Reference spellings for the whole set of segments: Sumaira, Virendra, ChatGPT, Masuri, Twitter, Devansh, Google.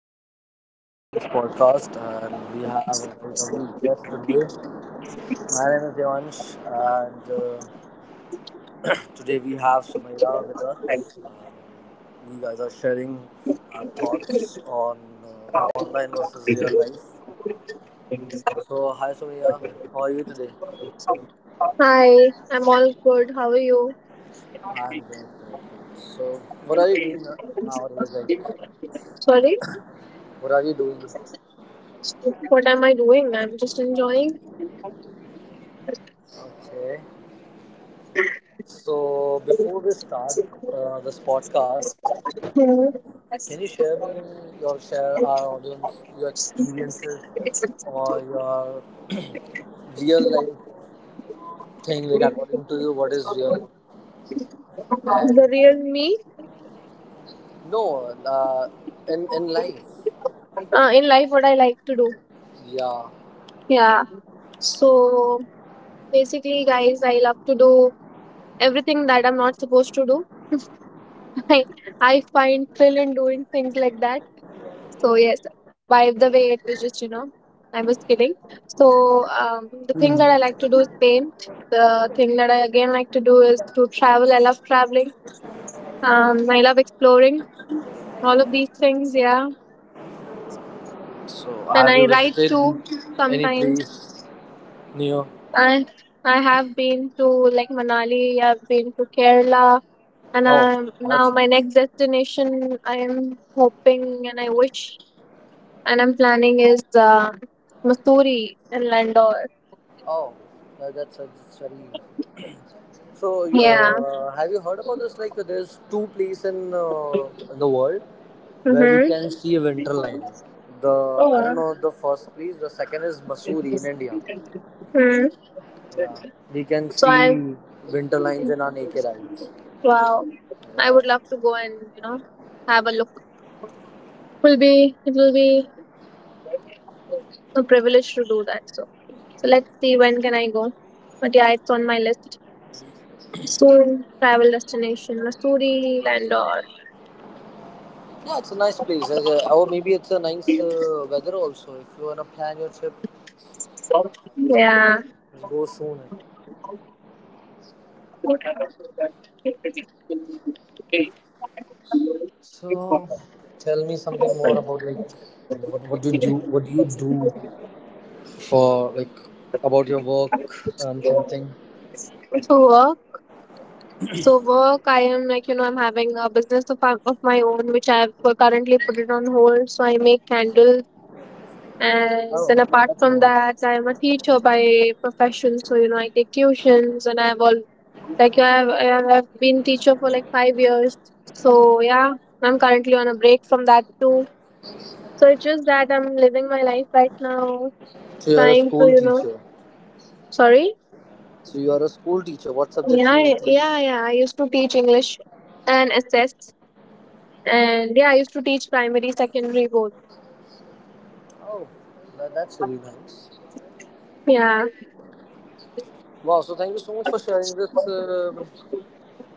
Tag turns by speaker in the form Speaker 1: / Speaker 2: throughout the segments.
Speaker 1: today we are starting this podcast and we have a very lovely guest today. My name is Devansh and today we have Sumaira with us. We guys are sharing our thoughts on online versus real life. So hi Sumaira, how are you today?
Speaker 2: Hi, I'm all good. How are you?
Speaker 1: I'm good. Good, good. So what are you doing nowadays? Like
Speaker 2: Sorry,
Speaker 1: what are you doing?
Speaker 2: what am I doing? I'm just enjoying
Speaker 1: Okay. So before we start this podcast, can you share me your share our audience your experiences or your real life thing like according to you what is real
Speaker 2: the
Speaker 1: and
Speaker 2: real me
Speaker 1: no uh, in life.
Speaker 2: in life, what I like to do.
Speaker 1: Yeah.
Speaker 2: Yeah, so basically, guys, I love to do everything that I'm not supposed to do. I, I find thrill in doing things like that. So, yes, by the way, it was just, I was kidding. So,
Speaker 1: Hmm.
Speaker 2: the things that I like to do is paint. The thing that I again like to do is to travel. I love traveling. I love exploring all of these things, yeah,
Speaker 1: So have
Speaker 2: and
Speaker 1: you
Speaker 2: i write
Speaker 1: visited
Speaker 2: too
Speaker 1: any
Speaker 2: sometimes.
Speaker 1: place near?
Speaker 2: I i have been to, like, Manali, I've been to Kerala, and
Speaker 1: Oh,
Speaker 2: um,
Speaker 1: that's
Speaker 2: now my
Speaker 1: nice.
Speaker 2: next destination I am hoping, and I wish, and I'm planning is uh, Missouri and Landor.
Speaker 1: Oh, yeah, that's very. So,
Speaker 2: Yeah.
Speaker 1: have you heard about this? Like, there's two place in the world where we
Speaker 2: Mm-hmm.
Speaker 1: can see a winter line. The
Speaker 2: Oh
Speaker 1: I don't
Speaker 2: wow.
Speaker 1: know the first place. The second is Masuri in India.
Speaker 2: Hmm.
Speaker 1: Yeah, we can
Speaker 2: so
Speaker 1: see
Speaker 2: i
Speaker 1: winter lines in our naked eyes.
Speaker 2: wow I
Speaker 1: Yeah,
Speaker 2: would love to go, and, you know, have a look. Will be It will be a privilege to do that. So. So let's see when can I go. But yeah, it's on my list. Soon travel destination, Missouri, Landor.
Speaker 1: yeah, it's a nice place. Or maybe it's a nice weather also. If you wanna plan your trip,
Speaker 2: Yeah.
Speaker 1: just go soon. So, tell me something more about like what you do what you do for like about your work and something.
Speaker 2: So work. So work, I am, like, you know, I'm having a business of, my own, which I've currently put it on hold. So I make candles. And
Speaker 1: Oh,
Speaker 2: then apart
Speaker 1: that's
Speaker 2: from
Speaker 1: nice.
Speaker 2: that, I'm a teacher by profession. So, you know, I take tuitions and I've all like I've been teacher for like 5 years. So yeah, I'm currently on a break from that too. So it's just that I'm living my life right now,
Speaker 1: So you are a
Speaker 2: trying to,
Speaker 1: school
Speaker 2: you know,
Speaker 1: teacher.
Speaker 2: sorry.
Speaker 1: So you are a school teacher. What subjects
Speaker 2: Yeah,
Speaker 1: you
Speaker 2: I- yeah,
Speaker 1: teach?
Speaker 2: yeah. I used to teach English and SS, and yeah, I used to teach primary, secondary both.
Speaker 1: Oh, that, that's really nice.
Speaker 2: Yeah.
Speaker 1: Wow. So thank you so much for sharing this.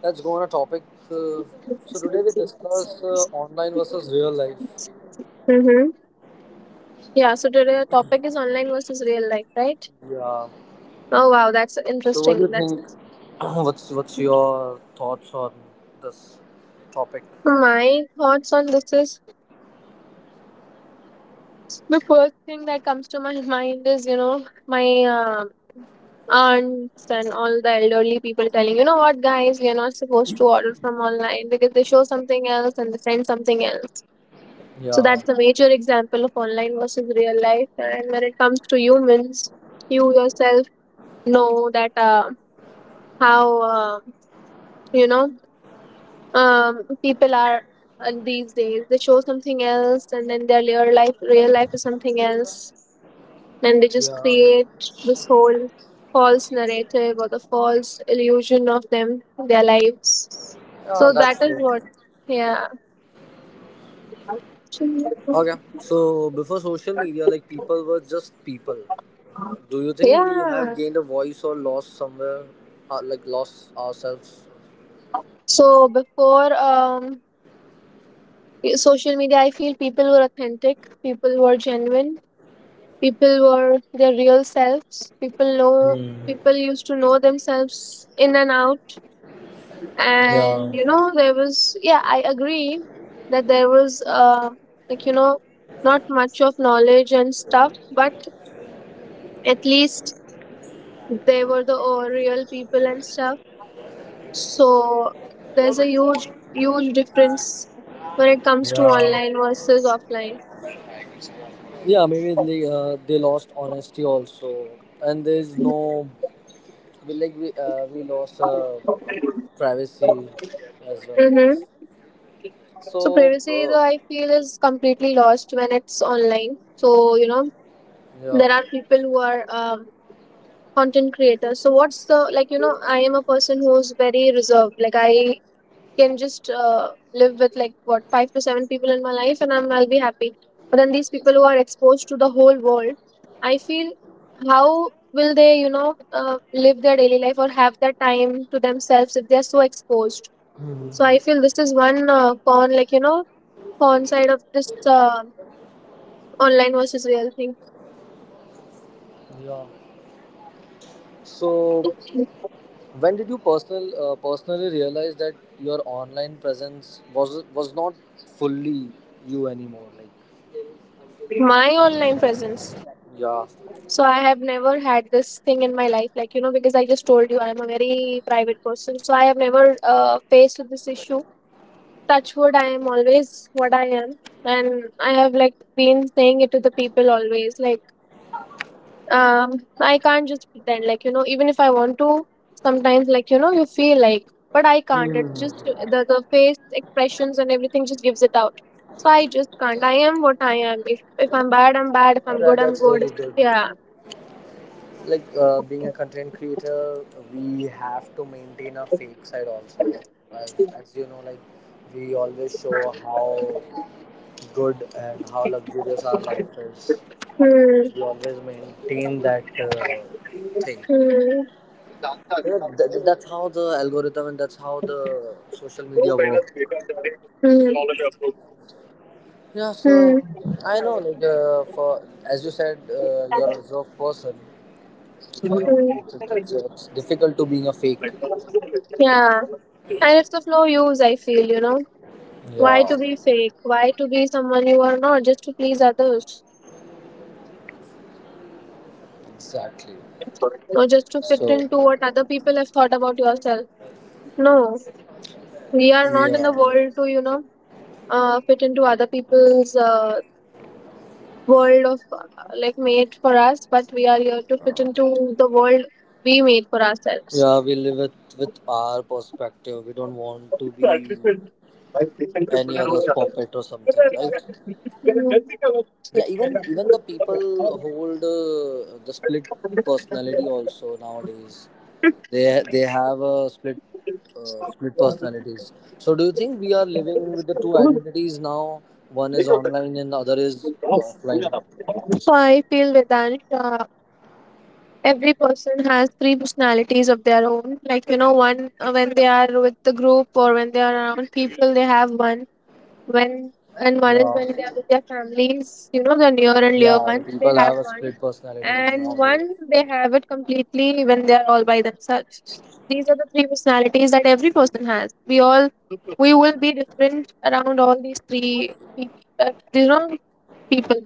Speaker 1: Let's go on a topic. Uh, so today we discuss online versus real life.
Speaker 2: Mm-hmm. Yeah. So today the topic is online versus real life, right?
Speaker 1: Yeah.
Speaker 2: Oh wow, that's
Speaker 1: So, what do you
Speaker 2: interesting. That's
Speaker 1: think? What's your thoughts on this topic?
Speaker 2: my thoughts on this is the first thing that comes to my mind is, you know, my aunts and all the elderly people telling, you know what, guys, we are not supposed to order from online because they show something else and they send something else. So
Speaker 1: Yeah,
Speaker 2: that's a major example of online versus real life. And when it comes to humans, you yourself know that how you know people are these days. They show something else, and then their real life is something else, and they just
Speaker 1: yeah,
Speaker 2: create this whole false narrative or the false illusion of them, their lives.
Speaker 1: yeah.
Speaker 2: So
Speaker 1: That's
Speaker 2: that is
Speaker 1: true.
Speaker 2: what, yeah.
Speaker 1: Okay. So before social media, like people were just people. Do you think we have
Speaker 2: Yeah,
Speaker 1: gained a voice or lost somewhere, like lost ourselves?
Speaker 2: so before social media, I feel people were authentic, people were genuine, people were their real selves. People know
Speaker 1: Hmm.
Speaker 2: people used to know themselves in and out, and
Speaker 1: Yeah,
Speaker 2: you know there was, yeah, I agree that there was like, you know, not much of knowledge and stuff, but at least they were the real people and stuff. So there's a huge difference when it comes to
Speaker 1: yeah,
Speaker 2: online versus offline.
Speaker 1: yeah. Maybe they lost honesty also, and there's no we like we lost privacy as well, I
Speaker 2: Mm-hmm.
Speaker 1: guess.
Speaker 2: So
Speaker 1: So
Speaker 2: privacy
Speaker 1: uh,
Speaker 2: though, I feel, is completely lost when it's online. So, you know,
Speaker 1: yeah.
Speaker 2: there are people who are content creator, so what's the, like, you know, I am a person who's very reserved. Like, I can just live with like, what, five to seven people in my life, and I'll be happy. But then these people who are exposed to the whole world, I feel, how will they, you know, live their daily life or have that time to themselves if they're so exposed? So I
Speaker 1: Mhm.
Speaker 2: feel this is one con, like, you know, con side of this uh, online versus real thing.
Speaker 1: Yeah, so when did you personally realize that your online presence was not fully you anymore, like?
Speaker 2: My online presence.
Speaker 1: Yeah.
Speaker 2: So I have never had this thing in my life, like, you know, because I just told you I'm a very private person. So I have never faced with this issue. Touch wood, I am always what I am, and I have like been saying it to the people always. Like, um, I can't just pretend, like, you know, even if I want to, sometimes, like, you know, you feel like, but I can't. It's just
Speaker 1: Hmm.
Speaker 2: the face expressions and everything just gives it out. So I just can't. I am what I am. If I'm bad, I'm bad. If I'm
Speaker 1: That,
Speaker 2: good, I'm
Speaker 1: that's
Speaker 2: good.
Speaker 1: really good.
Speaker 2: Yeah.
Speaker 1: Like being a content creator, we have to maintain a fake side also. As, as you know, like we always show how good and how luxurious our life is.
Speaker 2: Hmm.
Speaker 1: We always maintain that thing.
Speaker 2: Hmm.
Speaker 1: Yeah, that's how the algorithm and that's how the social media works.
Speaker 2: Mhm.
Speaker 1: Yeah, so
Speaker 2: Mhm.
Speaker 1: I know, like, for as you said, you're a reserved person. I know
Speaker 2: Mhm.
Speaker 1: it's difficult to being a fake.
Speaker 2: Yeah. And it's of no use, I feel, you know. Why
Speaker 1: Yeah,
Speaker 2: to be fake? Why to be someone you are not just to please others?
Speaker 1: exactly.
Speaker 2: Or just to fit into
Speaker 1: So,
Speaker 2: what other people have thought about yourself? No. We are not in
Speaker 1: yeah,
Speaker 2: the world to, you know, fit into other people's world of like made for us, but we are here to fit into the world we made for ourselves.
Speaker 1: yeah, we live it with our perspective. We don't want to be any other's puppet or something, right? Yeah, even even the people hold the split personality also nowadays. They have a split split personalities. So do you think we are living with the two identities now? One is online and other is offline.
Speaker 2: So I feel, Vedansha, every person has three personalities of their own, like, you know. One, when they are with the group or when they are around people, they have one. When and one is
Speaker 1: Yeah,
Speaker 2: when they are with their families, you know, the near and dear
Speaker 1: yeah, the
Speaker 2: ones, they
Speaker 1: people
Speaker 2: have
Speaker 1: have a
Speaker 2: one.
Speaker 1: split personalities
Speaker 2: And
Speaker 1: nowadays.
Speaker 2: one they have it completely when they are all by themselves. These are the three personalities that every person has. We will be different around all these three people, you know, people,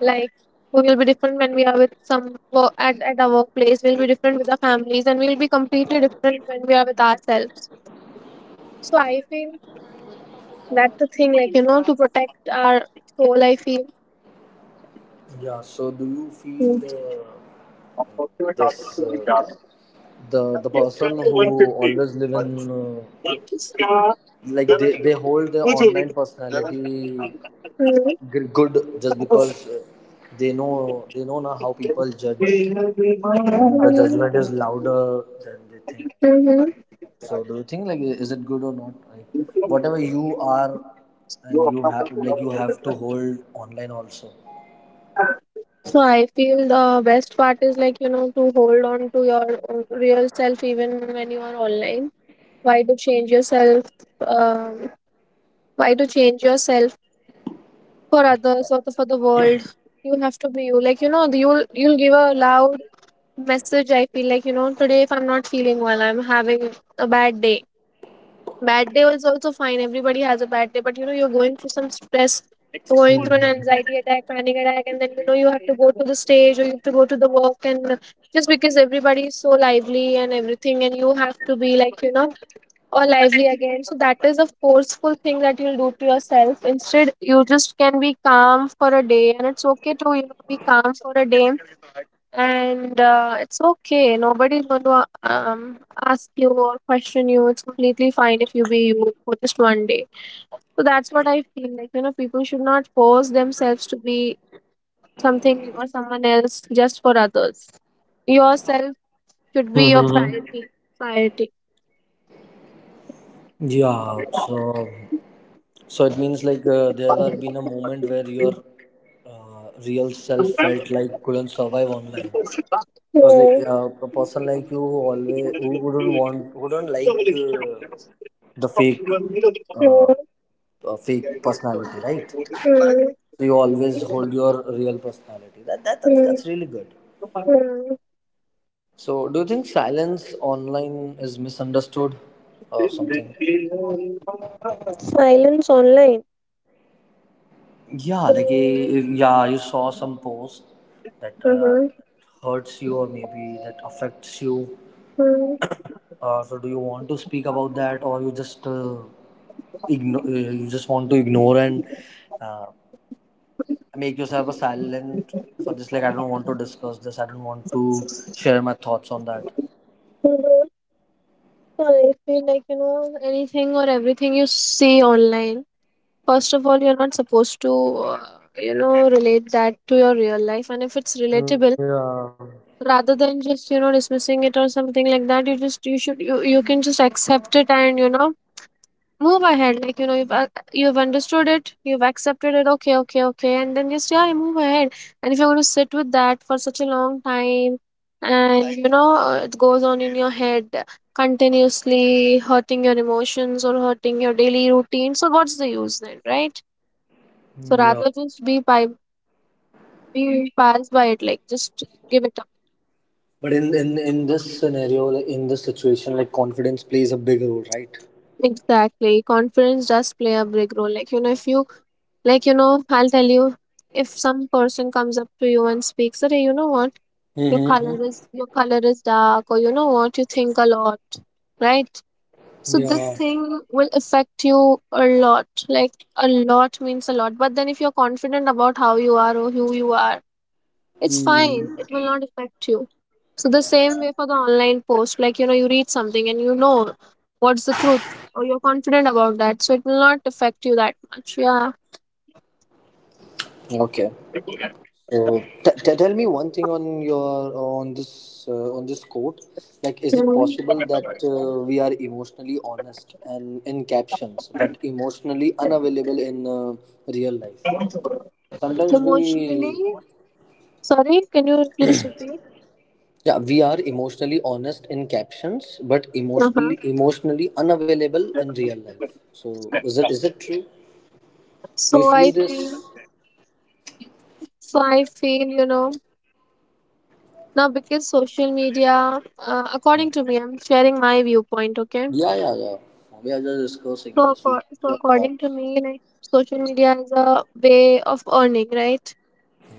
Speaker 2: like, we will be different when we are with some at, our workplace. We'll be different with our families, and we'll be completely different when we are with ourselves. So I feel that's the thing, like, you know, to protect our soul, I feel.
Speaker 1: Yeah, so do you feel
Speaker 2: Mm-hmm.
Speaker 1: this the person who always live in uh, like they hold their online personality good just because they know now how people judge, and the judgment is louder than they think.
Speaker 2: Mm-hmm.
Speaker 1: So do you think like is it good or not, like whatever you are and you have like you have to hold online also?
Speaker 2: So I feel the best part is, like, you know, to hold on to your real self even when you are online. Why to change yourself? Um, why to change yourself for others or for the world? You have to be you, like, you know, you'll give a loud message, I feel. Like, you know, today if I'm not feeling well, I'm having a bad day. Is also fine. Everybody has a bad day, but you know, you're going through some stress, you're going through an anxiety attack, panic attack, and then you know you have to go to the stage or you have to go to the work, and just because everybody is so lively and everything, and you have to be, like, you know, or lively again. So that is a forceful thing that you'll do to yourself. Instead, you just can be calm for a day, and it's okay to, you know, be calm for a day, and it's okay. Nobody's going to ask you or question you. It's completely fine if you be you for just one day. So that's what I feel like. You know, people should not force themselves to be something or someone else just for others. Yourself should be your
Speaker 1: Mm-hmm.
Speaker 2: priority. Priority.
Speaker 1: Yeah, so so it means like there have been a moment where your real self felt like couldn't survive online. Because like a person like you who always who wouldn't want who don't like the fake uh, fake personality, right?
Speaker 2: Mm,
Speaker 1: So you always hold your real personality. That, that
Speaker 2: mm,
Speaker 1: that's really good.
Speaker 2: mm.
Speaker 1: So do you think silence online is misunderstood or something?
Speaker 2: Silence online.
Speaker 1: Yeah,
Speaker 2: So,
Speaker 1: like eh, yeah, you saw some post that
Speaker 2: uh-huh.
Speaker 1: hurts you or maybe that affects you.
Speaker 2: Mm. Mhm.
Speaker 1: So do you want to speak about that or you just ignore? You just want to ignore and uh, make yourself a silent for this? Like I don't want to discuss this. I don't want to share my thoughts on that.
Speaker 2: So those, I feel, like, you know, anything or everything you see online, first of all, you're not supposed to uh, you know, relate that to your real life, and if it's relatable,
Speaker 1: Yeah,
Speaker 2: rather than just, you know, dismissing it or something like that, you can just accept it and, you know, move ahead. Like, you know, you've understood it, you've accepted it, okay, okay, okay, and then just, yeah, move ahead. And if you're going to sit with that for such a long time, and you know, it goes on in your head continuously hurting your emotions or hurting your daily routine, so what's the use then, right? So
Speaker 1: yeah.
Speaker 2: rather just be by be passed by it, like, just give it.
Speaker 1: But in this scenario, like in this situation, like confidence plays a big role, right?
Speaker 2: Exactly. Confidence does play a big role. Like, you know, if you, like, you know, I'll tell you, if some person comes up to you and speaks that, hey, you know what,
Speaker 1: Mm-hmm.
Speaker 2: your color is dark, or you know what, you think a lot, right? So this
Speaker 1: Yeah.
Speaker 2: thing will affect you a lot. Like, a lot means a lot. But then if you're confident about how you are or who you are, it's fine, it
Speaker 1: Hmm.
Speaker 2: will not affect you. So the same way for the online post, like, you know, you read something and you know what's the truth, or you're confident about that, so it will not affect you that much. Yeah.
Speaker 1: Okay. So tell me one thing on your on this quote. Like, is it
Speaker 2: Mhm.
Speaker 1: possible that we are emotionally honest and in captions, but emotionally unavailable in real life? Sometimes
Speaker 2: Emotionally,
Speaker 1: we
Speaker 2: sorry, can you please repeat?
Speaker 1: yeah we are emotionally honest in captions, but
Speaker 2: Uh-huh.
Speaker 1: emotionally unavailable in real life. So is it true? Do you
Speaker 2: so
Speaker 1: feel
Speaker 2: i
Speaker 1: this?
Speaker 2: feel so I feel now because social media, according to me, I'm sharing my viewpoint, okay.
Speaker 1: Yeah, yeah, yeah. We are just discussing. Just feel your
Speaker 2: So according
Speaker 1: thoughts.
Speaker 2: to me, like, social media is a way of earning, right,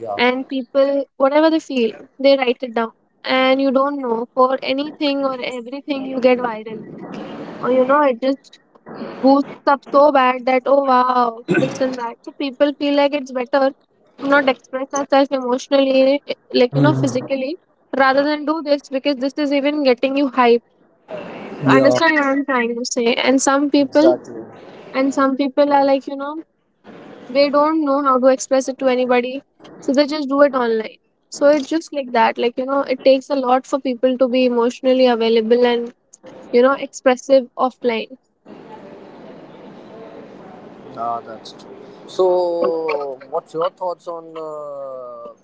Speaker 1: Yeah.
Speaker 2: and people, whatever they feel, they write it down. And you don't know, for anything or everything you get viral, or you know, it just boosts up so bad that, oh wow, this and that. So people feel like it's better to not express ourselves emotionally, like, you know,
Speaker 1: Mm.
Speaker 2: physically rather than do this because this is even getting you hype.
Speaker 1: Yeah,
Speaker 2: Understand what I'm trying to say? And some people
Speaker 1: exactly.
Speaker 2: and some people are, like, you know, they don't know how to express it to anybody, so they just do it online. So it's just like that. Like, you know, it takes a lot for people to be emotionally available and, you know, expressive offline.
Speaker 1: Ah, that's true. So, what's your thoughts on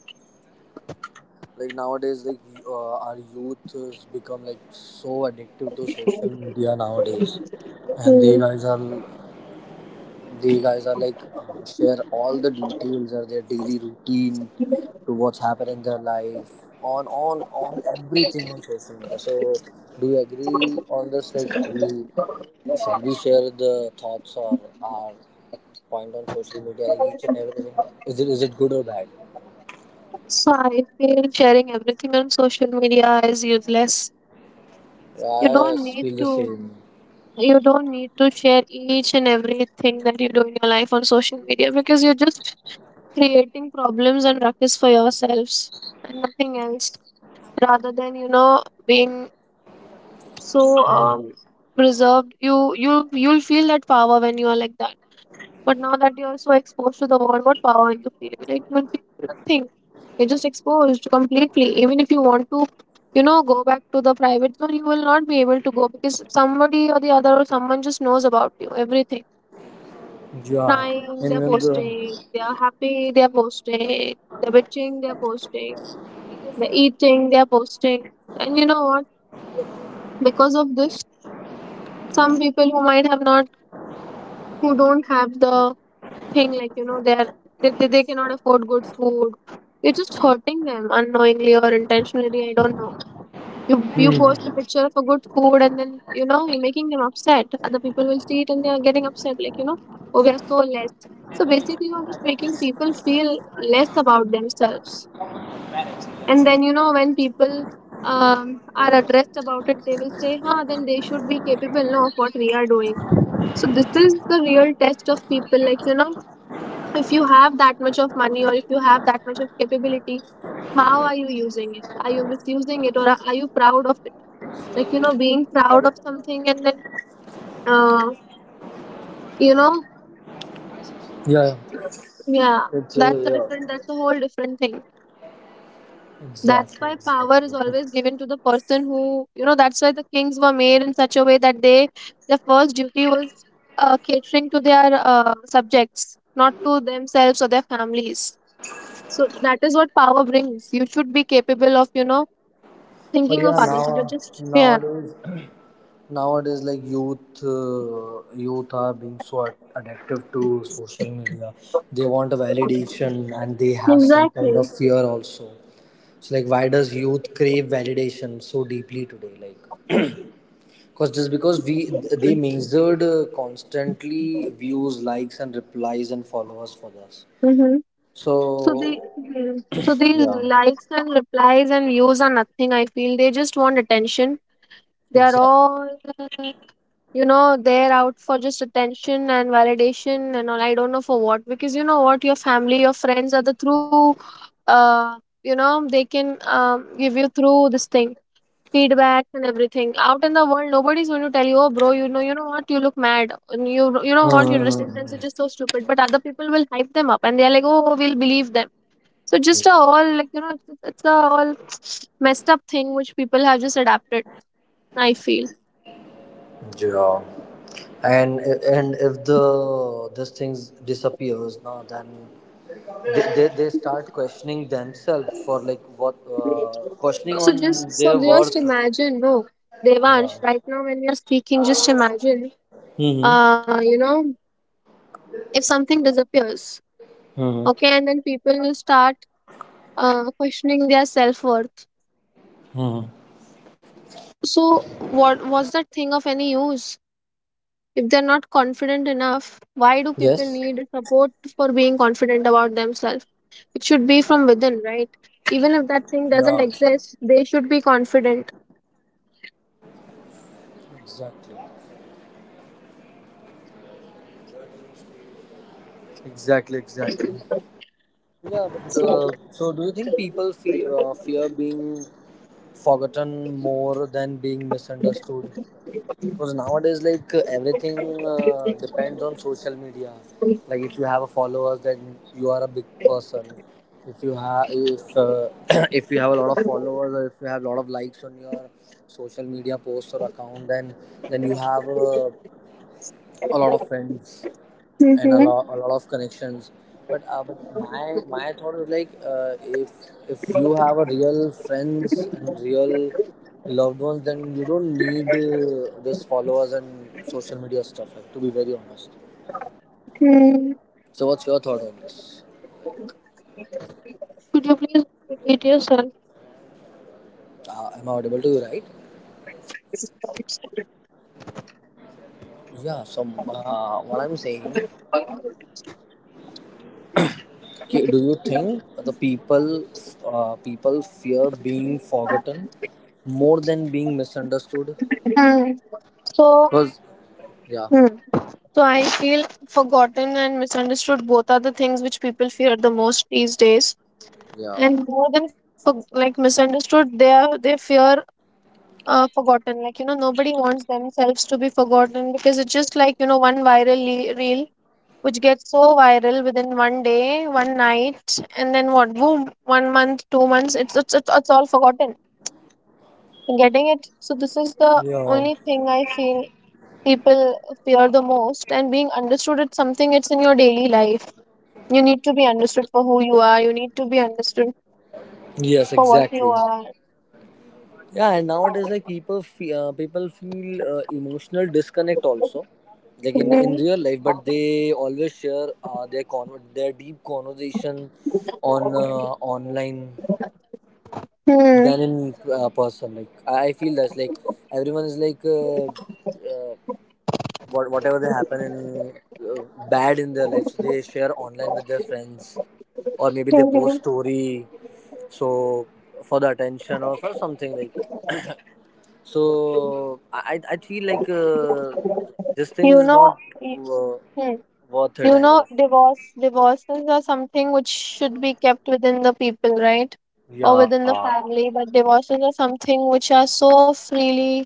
Speaker 1: like nowadays? Like our youth has become like so addictive to social media nowadays, and they
Speaker 2: Hmm.
Speaker 1: guys are they guys are like share all the details of their daily routine to what's happened in their life on everything on social media. So do you agree on this? Like we shall we share the thoughts or our point on social media, like each and everything? Is it good or bad?
Speaker 2: So I feel sharing everything on social media is useless. You
Speaker 1: Yeah, I
Speaker 2: don't need
Speaker 1: feel the
Speaker 2: to
Speaker 1: same.
Speaker 2: you don't need to share each and everything that you do in your life on social media, because you're just creating problems and ruckus for yourselves and nothing else, rather than, you know, being, so
Speaker 1: Hmm.
Speaker 2: preserved. You'll feel that power when you are like that, but now that you're so exposed to the world, what power you feel? Like, you'll feel nothing. You're just exposed completely. Even if you want to, you know, go back to the private zone, you will not be able to go, because somebody or the other, or someone just knows about you everything.
Speaker 1: Yeah,
Speaker 2: Crying,
Speaker 1: and
Speaker 2: they're
Speaker 1: even the
Speaker 2: posting. They're happy, they're posting. They're bitching, they're posting. They're eating, they're posting. And you know what, because of this, some people who might have not, who don't have the thing, like, you know, they're, they cannot afford good food. You're just hurting them unknowingly or intentionally, I don't know. you you post a
Speaker 1: hmm.
Speaker 2: picture of a good food, and then, you know, you're making them upset. Other people will see it and they are getting upset, like, you know, oh, we are so less. So basically, you're just making people feel less about themselves. And then, you know, when people, are addressed about it, they will say, huh, then they should be capable, no, of what we are doing. So this is the real test of people, like, you know, if you have that much of money, or if you have that much of capability, how are you using it? Are you misusing it, or are you proud of it? Like, you know, being proud of something, and then, uh, you know,
Speaker 1: Yeah,
Speaker 2: yeah,
Speaker 1: it's yeah.
Speaker 2: that's a whole different thing. That's
Speaker 1: Exactly,
Speaker 2: why power
Speaker 1: exactly.
Speaker 2: is always given to the person who, you know, that's why the kings were made in such a way that they, their first duty was, catering to their, subjects, not to themselves or their families. So that is what power brings. You should be capable of, you know,
Speaker 1: But
Speaker 2: thinking of
Speaker 1: yeah,
Speaker 2: others. They're
Speaker 1: now
Speaker 2: just, yeah,
Speaker 1: nowadays nowadays like youth are being so addictive to social media. They want a validation and they have some kind of
Speaker 2: exactly.
Speaker 1: fear also. So like, why does youth crave validation so deeply today? Like, because just because we they measured constantly views, likes, and replies and followers for us.
Speaker 2: Mm-hmm. So they,
Speaker 1: So
Speaker 2: mhm, so these
Speaker 1: yeah,
Speaker 2: likes and replies and views are nothing. I feel they just want attention. They are
Speaker 1: exactly.
Speaker 2: all, uh, you know, they're out for just attention and validation and all. I don't know for what, because you know what, your family, your friends are the true, uh, you know, they can, give you, through this thing, feedback and everything. Out in the world, nobody's going to tell you, "Oh, bro, you know what? You look mad. And you know what? Your dressing sense is just so stupid." But other people will hype them up, and they're like, "Oh, we'll believe them." So just a all, like, you know, it's a all messed up thing which people have just adapted, I feel.
Speaker 1: Yeah. And if the this things disappears now, then they start questioning themselves for like what questioning
Speaker 2: So,
Speaker 1: on their
Speaker 2: just
Speaker 1: worth.
Speaker 2: imagine, no, Devansh.
Speaker 1: Yeah.
Speaker 2: Right now, when we are speaking, just imagine,
Speaker 1: Mm-hmm.
Speaker 2: you know, if something disappears, okay, and
Speaker 1: Mm-hmm.
Speaker 2: then people start questioning their self worth.
Speaker 1: Mm-hmm.
Speaker 2: So, what was that thing of any use? If they're not confident
Speaker 1: Yes.
Speaker 2: enough, why do people need support for being confident about themselves? It should be from within, right? Even if that
Speaker 1: Yeah.
Speaker 2: thing doesn't exist, they should be confident.
Speaker 1: Exactly. Exactly. Exactly. Yeah, but so do you think people fear fear being forgotten more than being misunderstood? Because nowadays, like everything depends on social media. Like if you have a followers, then you are a big person. If you have if if you have a lot of followers or if you have a lot of likes on your social media posts or account, then you have a lot of friends and
Speaker 2: Mm-hmm.
Speaker 1: a lot of connections. But my my thought is like if you have a real friends and real loved ones, then you don't need this followers and social media stuff. Like to be very honest.
Speaker 2: Mm.
Speaker 1: So what's your thought on this?
Speaker 2: Could you please repeat yourself?
Speaker 1: Am I audible to you, right? Yeah. So what I'm saying, ki- do you think the people people fear being forgotten more than being misunderstood?
Speaker 2: Hmm. So,
Speaker 1: Because yeah,
Speaker 2: hmm, so I feel forgotten and misunderstood, both are the things which people fear the most these days.
Speaker 1: yeah.
Speaker 2: And more than, for, like, misunderstood, they fear, forgotten. Like, you know, nobody wants themselves to be forgotten, because it's just like, you know, one viral reel which gets so viral within one day, one night, and then what? Boom, one month, two months, it's all forgotten. Getting it? So, this is the
Speaker 1: Yeah.
Speaker 2: only thing I feel people fear the most. And being understood, it's something, it's in your daily life. You need to be understood for who you are. You need to be understood
Speaker 1: Yes,
Speaker 2: for what you
Speaker 1: exactly.
Speaker 2: are.
Speaker 1: Yeah, and nowadays, like people, people feel emotional disconnect also, like in
Speaker 2: Hmm.
Speaker 1: real life. But they always share their deep conversation on online
Speaker 2: Hmm.
Speaker 1: than in person. Like I feel that's like everyone is like what whatever they happen in bad in their lives they share online with their friends or maybe they post
Speaker 2: Mhm.
Speaker 1: story so for the attention or for something like so i feel like this thing
Speaker 2: You
Speaker 1: is
Speaker 2: know,
Speaker 1: not
Speaker 2: y-,
Speaker 1: uh,
Speaker 2: hmm.
Speaker 1: worth it,
Speaker 2: You
Speaker 1: I
Speaker 2: know,
Speaker 1: guess.
Speaker 2: divorces are something which should be kept within the people, right? Or
Speaker 1: Yeah,
Speaker 2: within the family. But divorces are something which are so freely,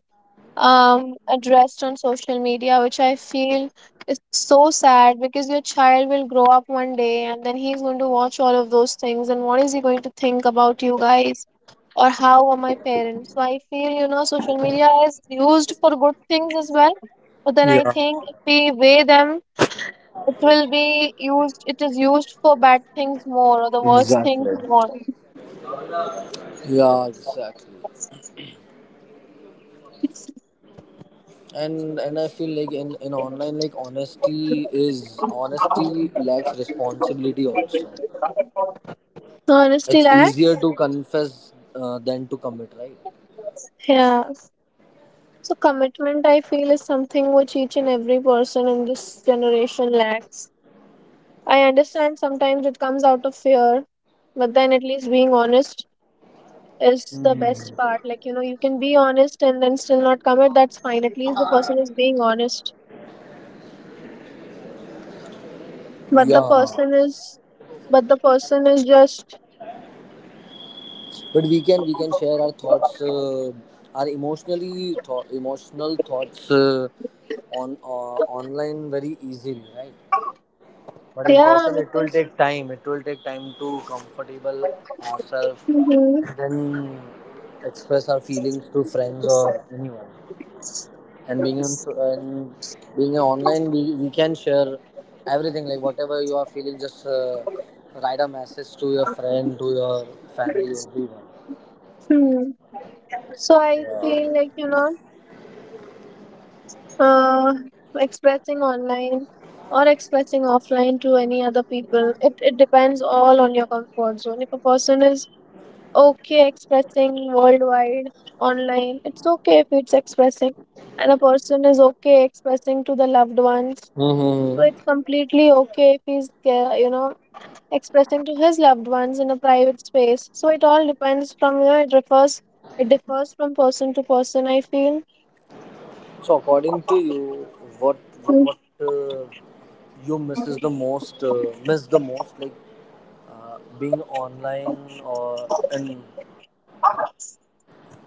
Speaker 2: addressed on social media, which I feel is so sad, because your child will grow up one day, and then he's going to watch all of those things, and what is he going to think about you guys? Or how are my parents? So I feel, you know, social media is used for good things as well, but then I
Speaker 1: yeah.
Speaker 2: think if we weigh them, it will be used, it is used for bad things more, or the worst things
Speaker 1: Exactly.
Speaker 2: more.
Speaker 1: Yeah, exactly, and I feel like in online like honesty is honesty lacks responsibility also.
Speaker 2: Honesty
Speaker 1: It's
Speaker 2: lacks.
Speaker 1: easier to confess than to commit, right?
Speaker 2: Yeah. So commitment, I feel, is something which each and every person in this generation lacks. I understand sometimes it comes out of fear, but then at least being honest is the
Speaker 1: Hmm.
Speaker 2: best part. Like, you know, you can be honest and then still not commit. That's fine. At least the person is being honest. But the
Speaker 1: Yeah,
Speaker 2: person is, but the person is just,
Speaker 1: but we can share our thoughts, our emotional thoughts on online very easily, right? But in
Speaker 2: yeah,
Speaker 1: person, it will
Speaker 2: because.
Speaker 1: take time. It will take time to comfortable ourselves and then express our feelings to friends or anyone. And being on and being a online we can share everything like whatever you are feeling just write a message to your friend to your family everyone.
Speaker 2: Mhm. So I
Speaker 1: Yeah.
Speaker 2: feel like, you know, uh, expressing online or expressing offline to any other people, it depends all on your comfort zone. If a person is okay expressing worldwide online, it's okay if it's expressing. And a person is okay expressing to the loved ones. So
Speaker 1: Mm-hmm.
Speaker 2: it's completely okay if he's, you know, expressing to his loved ones in a private space. So it all depends from, you know, it refers, it differs from person to person, I feel.
Speaker 1: So according to you what what you misses the most miss the most like being online or and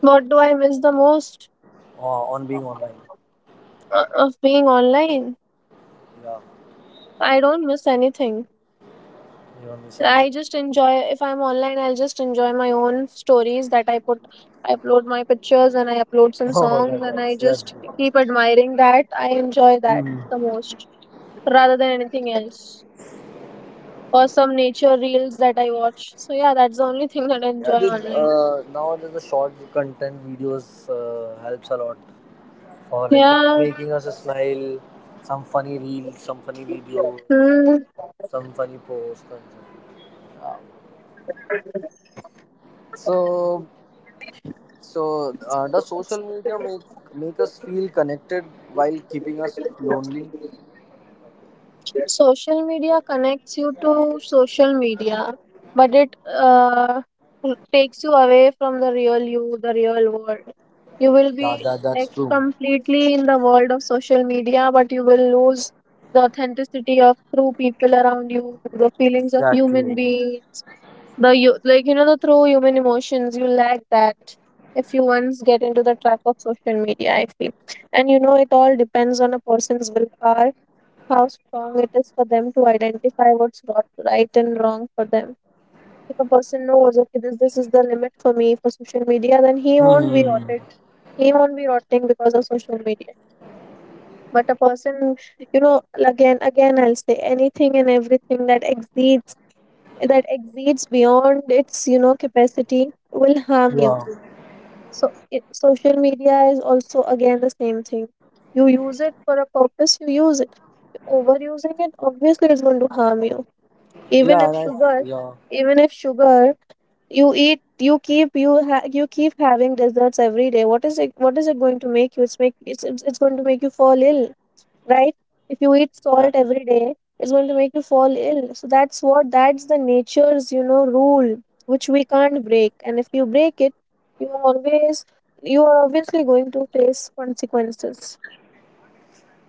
Speaker 2: What do I miss the most,
Speaker 1: on being online.
Speaker 2: of being online?
Speaker 1: Yeah,
Speaker 2: I don't miss anything.
Speaker 1: you don't miss anything.
Speaker 2: I just enjoy, if I'm online, I'll just enjoy my own stories that I put. I upload my pictures and I upload some
Speaker 1: Oh
Speaker 2: songs
Speaker 1: that,
Speaker 2: and I
Speaker 1: that's
Speaker 2: just
Speaker 1: good.
Speaker 2: keep admiring that. I enjoy that
Speaker 1: Hmm.
Speaker 2: the most, rather than anything else. Or some nature reels that I watch. So yeah, that's the only thing that I
Speaker 1: Yeah,
Speaker 2: enjoy
Speaker 1: the,
Speaker 2: online.
Speaker 1: nowadays the short content videos helps a lot for like you know
Speaker 2: Yeah.
Speaker 1: making us smile, some funny reels, some funny videos,
Speaker 2: Hmm.
Speaker 1: some funny posts. And so, yeah. So so, does social media make us feel connected while keeping us lonely?
Speaker 2: Social media connects you to social media, but it, takes you away from the real you, the real world. You will
Speaker 1: Yeah,
Speaker 2: be
Speaker 1: that that's
Speaker 2: like
Speaker 1: true.
Speaker 2: completely in the world of social media, but you will lose the authenticity of true people around you, the feelings of
Speaker 1: Exactly.
Speaker 2: human beings, the you, like, you know, the true human emotions. You lack that if you once get into the trap of social media, I feel. And you know, it all depends on a person's willpower, how strong it is for them to identify what's not right and wrong for them. If a person knows, okay, this is the limit for me for social media, then he won't be
Speaker 1: Hmm.
Speaker 2: rotted. He won't be rotting because of social media. But a person, you know, again, I'll say, anything and everything that exceeds beyond its, you know, capacity will harm
Speaker 1: Yeah.
Speaker 2: you. So it, social media is also again the same thing. You use it for a purpose, you use it. Overusing it, obviously, it's going to harm you. even
Speaker 1: Yeah, and
Speaker 2: if
Speaker 1: I
Speaker 2: sugar
Speaker 1: yeah.
Speaker 2: Even if sugar, you eat, you keep, you keep having desserts every day, what is it, what is it going to make you? It's make, it's going to make you fall ill, right? If you eat salt
Speaker 1: Exactly.
Speaker 2: every day, it's going to make you fall ill. So that's what, that's the nature's, you know, rule, which we can't break. And if you break it, you are always you are obviously going to face consequences.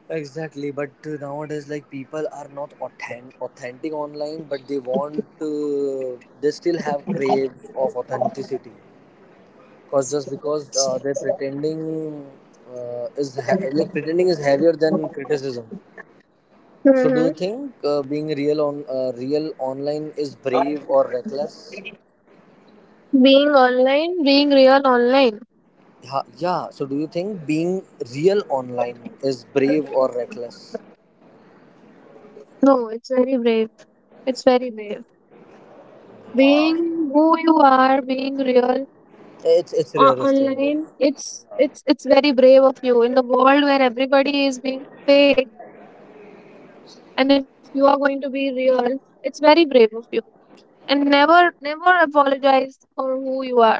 Speaker 1: Exactly, but nowadays, like people are not authentic, authentic online, but they want, they still have crave of authenticity, because just because they're pretending like pretending is heavier than criticism. So, do
Speaker 2: Hmm.
Speaker 1: you think being real on real online is brave or reckless?
Speaker 2: Being online, being real online.
Speaker 1: Yeah, yeah. So, do you think being real online is brave or reckless?
Speaker 2: No, it's very brave. It's very brave, being who you are, being real
Speaker 1: It's rarest thing.
Speaker 2: online.
Speaker 1: Like,
Speaker 2: It's very brave of you, in the world where everybody is being fake, and if you are going to be real, it's very brave of you. And never, never apologize for who you are.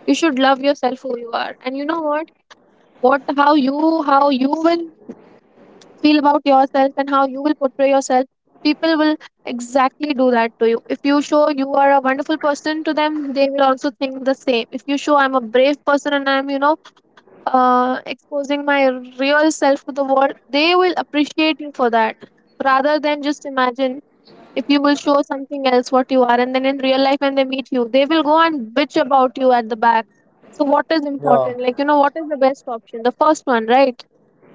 Speaker 2: You should love yourself, who you are. And you know what, how you will feel about yourself, and how you will portray yourself, people will exactly do that to you. If you show you are a wonderful person to them, they will also think the same. If you show, I'm a brave person, and I'm, you know, exposing my real self to the world, they will appreciate you for that, rather than, just imagine, if you will show something else what you are, and then in real life when they meet you, they will go and bitch about you at the back. So what is
Speaker 1: yeah,
Speaker 2: important, like, you know, what is the best option? The first one, right?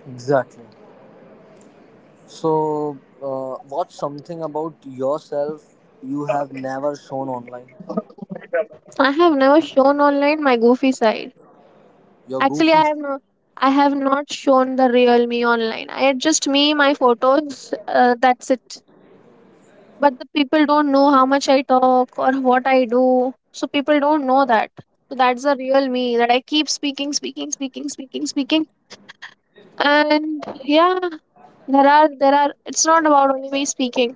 Speaker 1: exactly. So, what's something about yourself you have never shown online?
Speaker 2: I have never shown online my goofy side.
Speaker 1: Your
Speaker 2: Actually,
Speaker 1: goofy
Speaker 2: I have
Speaker 1: side.
Speaker 2: no, I have not shown the real me online. I had just me, my photos. That's it. But the people don't know how much I talk or what I do. So people don't know that. So that's the real me, that I keep speaking, speaking, speaking, speaking, speaking. And yeah, there are, it's not about only me speaking.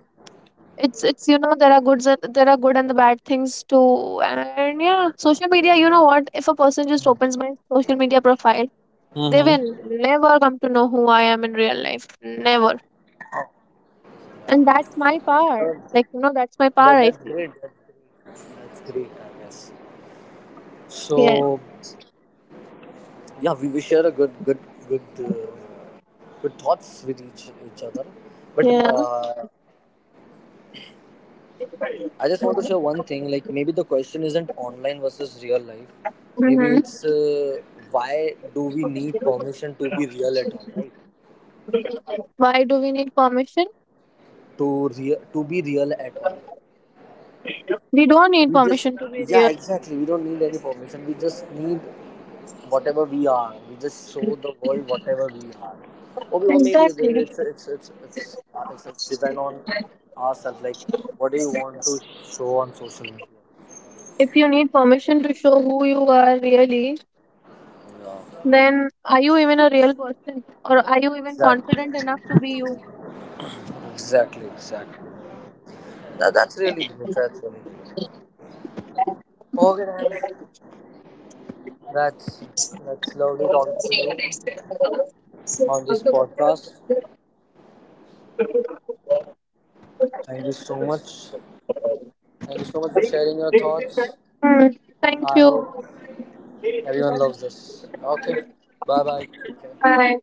Speaker 2: It's, you know, there are goods and there are good and the bad things too. And yeah, social media, you know what, if a person just opens my social media profile, they will
Speaker 1: Mm-hmm.
Speaker 2: never come to know who I am in real life, never. And that's
Speaker 1: Uh,
Speaker 2: my power. Like, you
Speaker 1: that,
Speaker 2: know,
Speaker 1: that's
Speaker 2: that's my
Speaker 1: great.
Speaker 2: power,
Speaker 1: That's
Speaker 2: I feel.
Speaker 1: great. That's great. I guess. So,
Speaker 2: Yes.
Speaker 1: yeah, we share a good, good, good, good thoughts with each other. But
Speaker 2: Yeah.
Speaker 1: I just want to share one thing. Like maybe the question isn't online versus real life. Maybe it's
Speaker 2: Mm-hmm.
Speaker 1: why do we need permission to be real at all, right?
Speaker 2: Why do we need permission?
Speaker 1: To real, to be real at all.
Speaker 2: We don't need
Speaker 1: We just
Speaker 2: permission to be
Speaker 1: yeah
Speaker 2: real.
Speaker 1: exactly. We don't need any permission. We just need whatever we are. We just show the world whatever we are. Or, we- or maybe
Speaker 2: Exactly.
Speaker 1: it's depend on ourselves. Like what do you want to show on social media?
Speaker 2: If you need permission to show who you are, really,
Speaker 1: Yeah.
Speaker 2: then are you even a real person, or are you even
Speaker 1: Exactly.
Speaker 2: confident enough to be you?
Speaker 1: Exactly. Exactly. That, that's really good. That's really good. Okay, then. That's that's lovely talking to you on this podcast. Thank you so much. Thank you so much for sharing your thoughts.
Speaker 2: Mm. Thank
Speaker 1: I
Speaker 2: you.
Speaker 1: hope everyone loves this. Okay. Bye bye. Take care.
Speaker 2: Bye.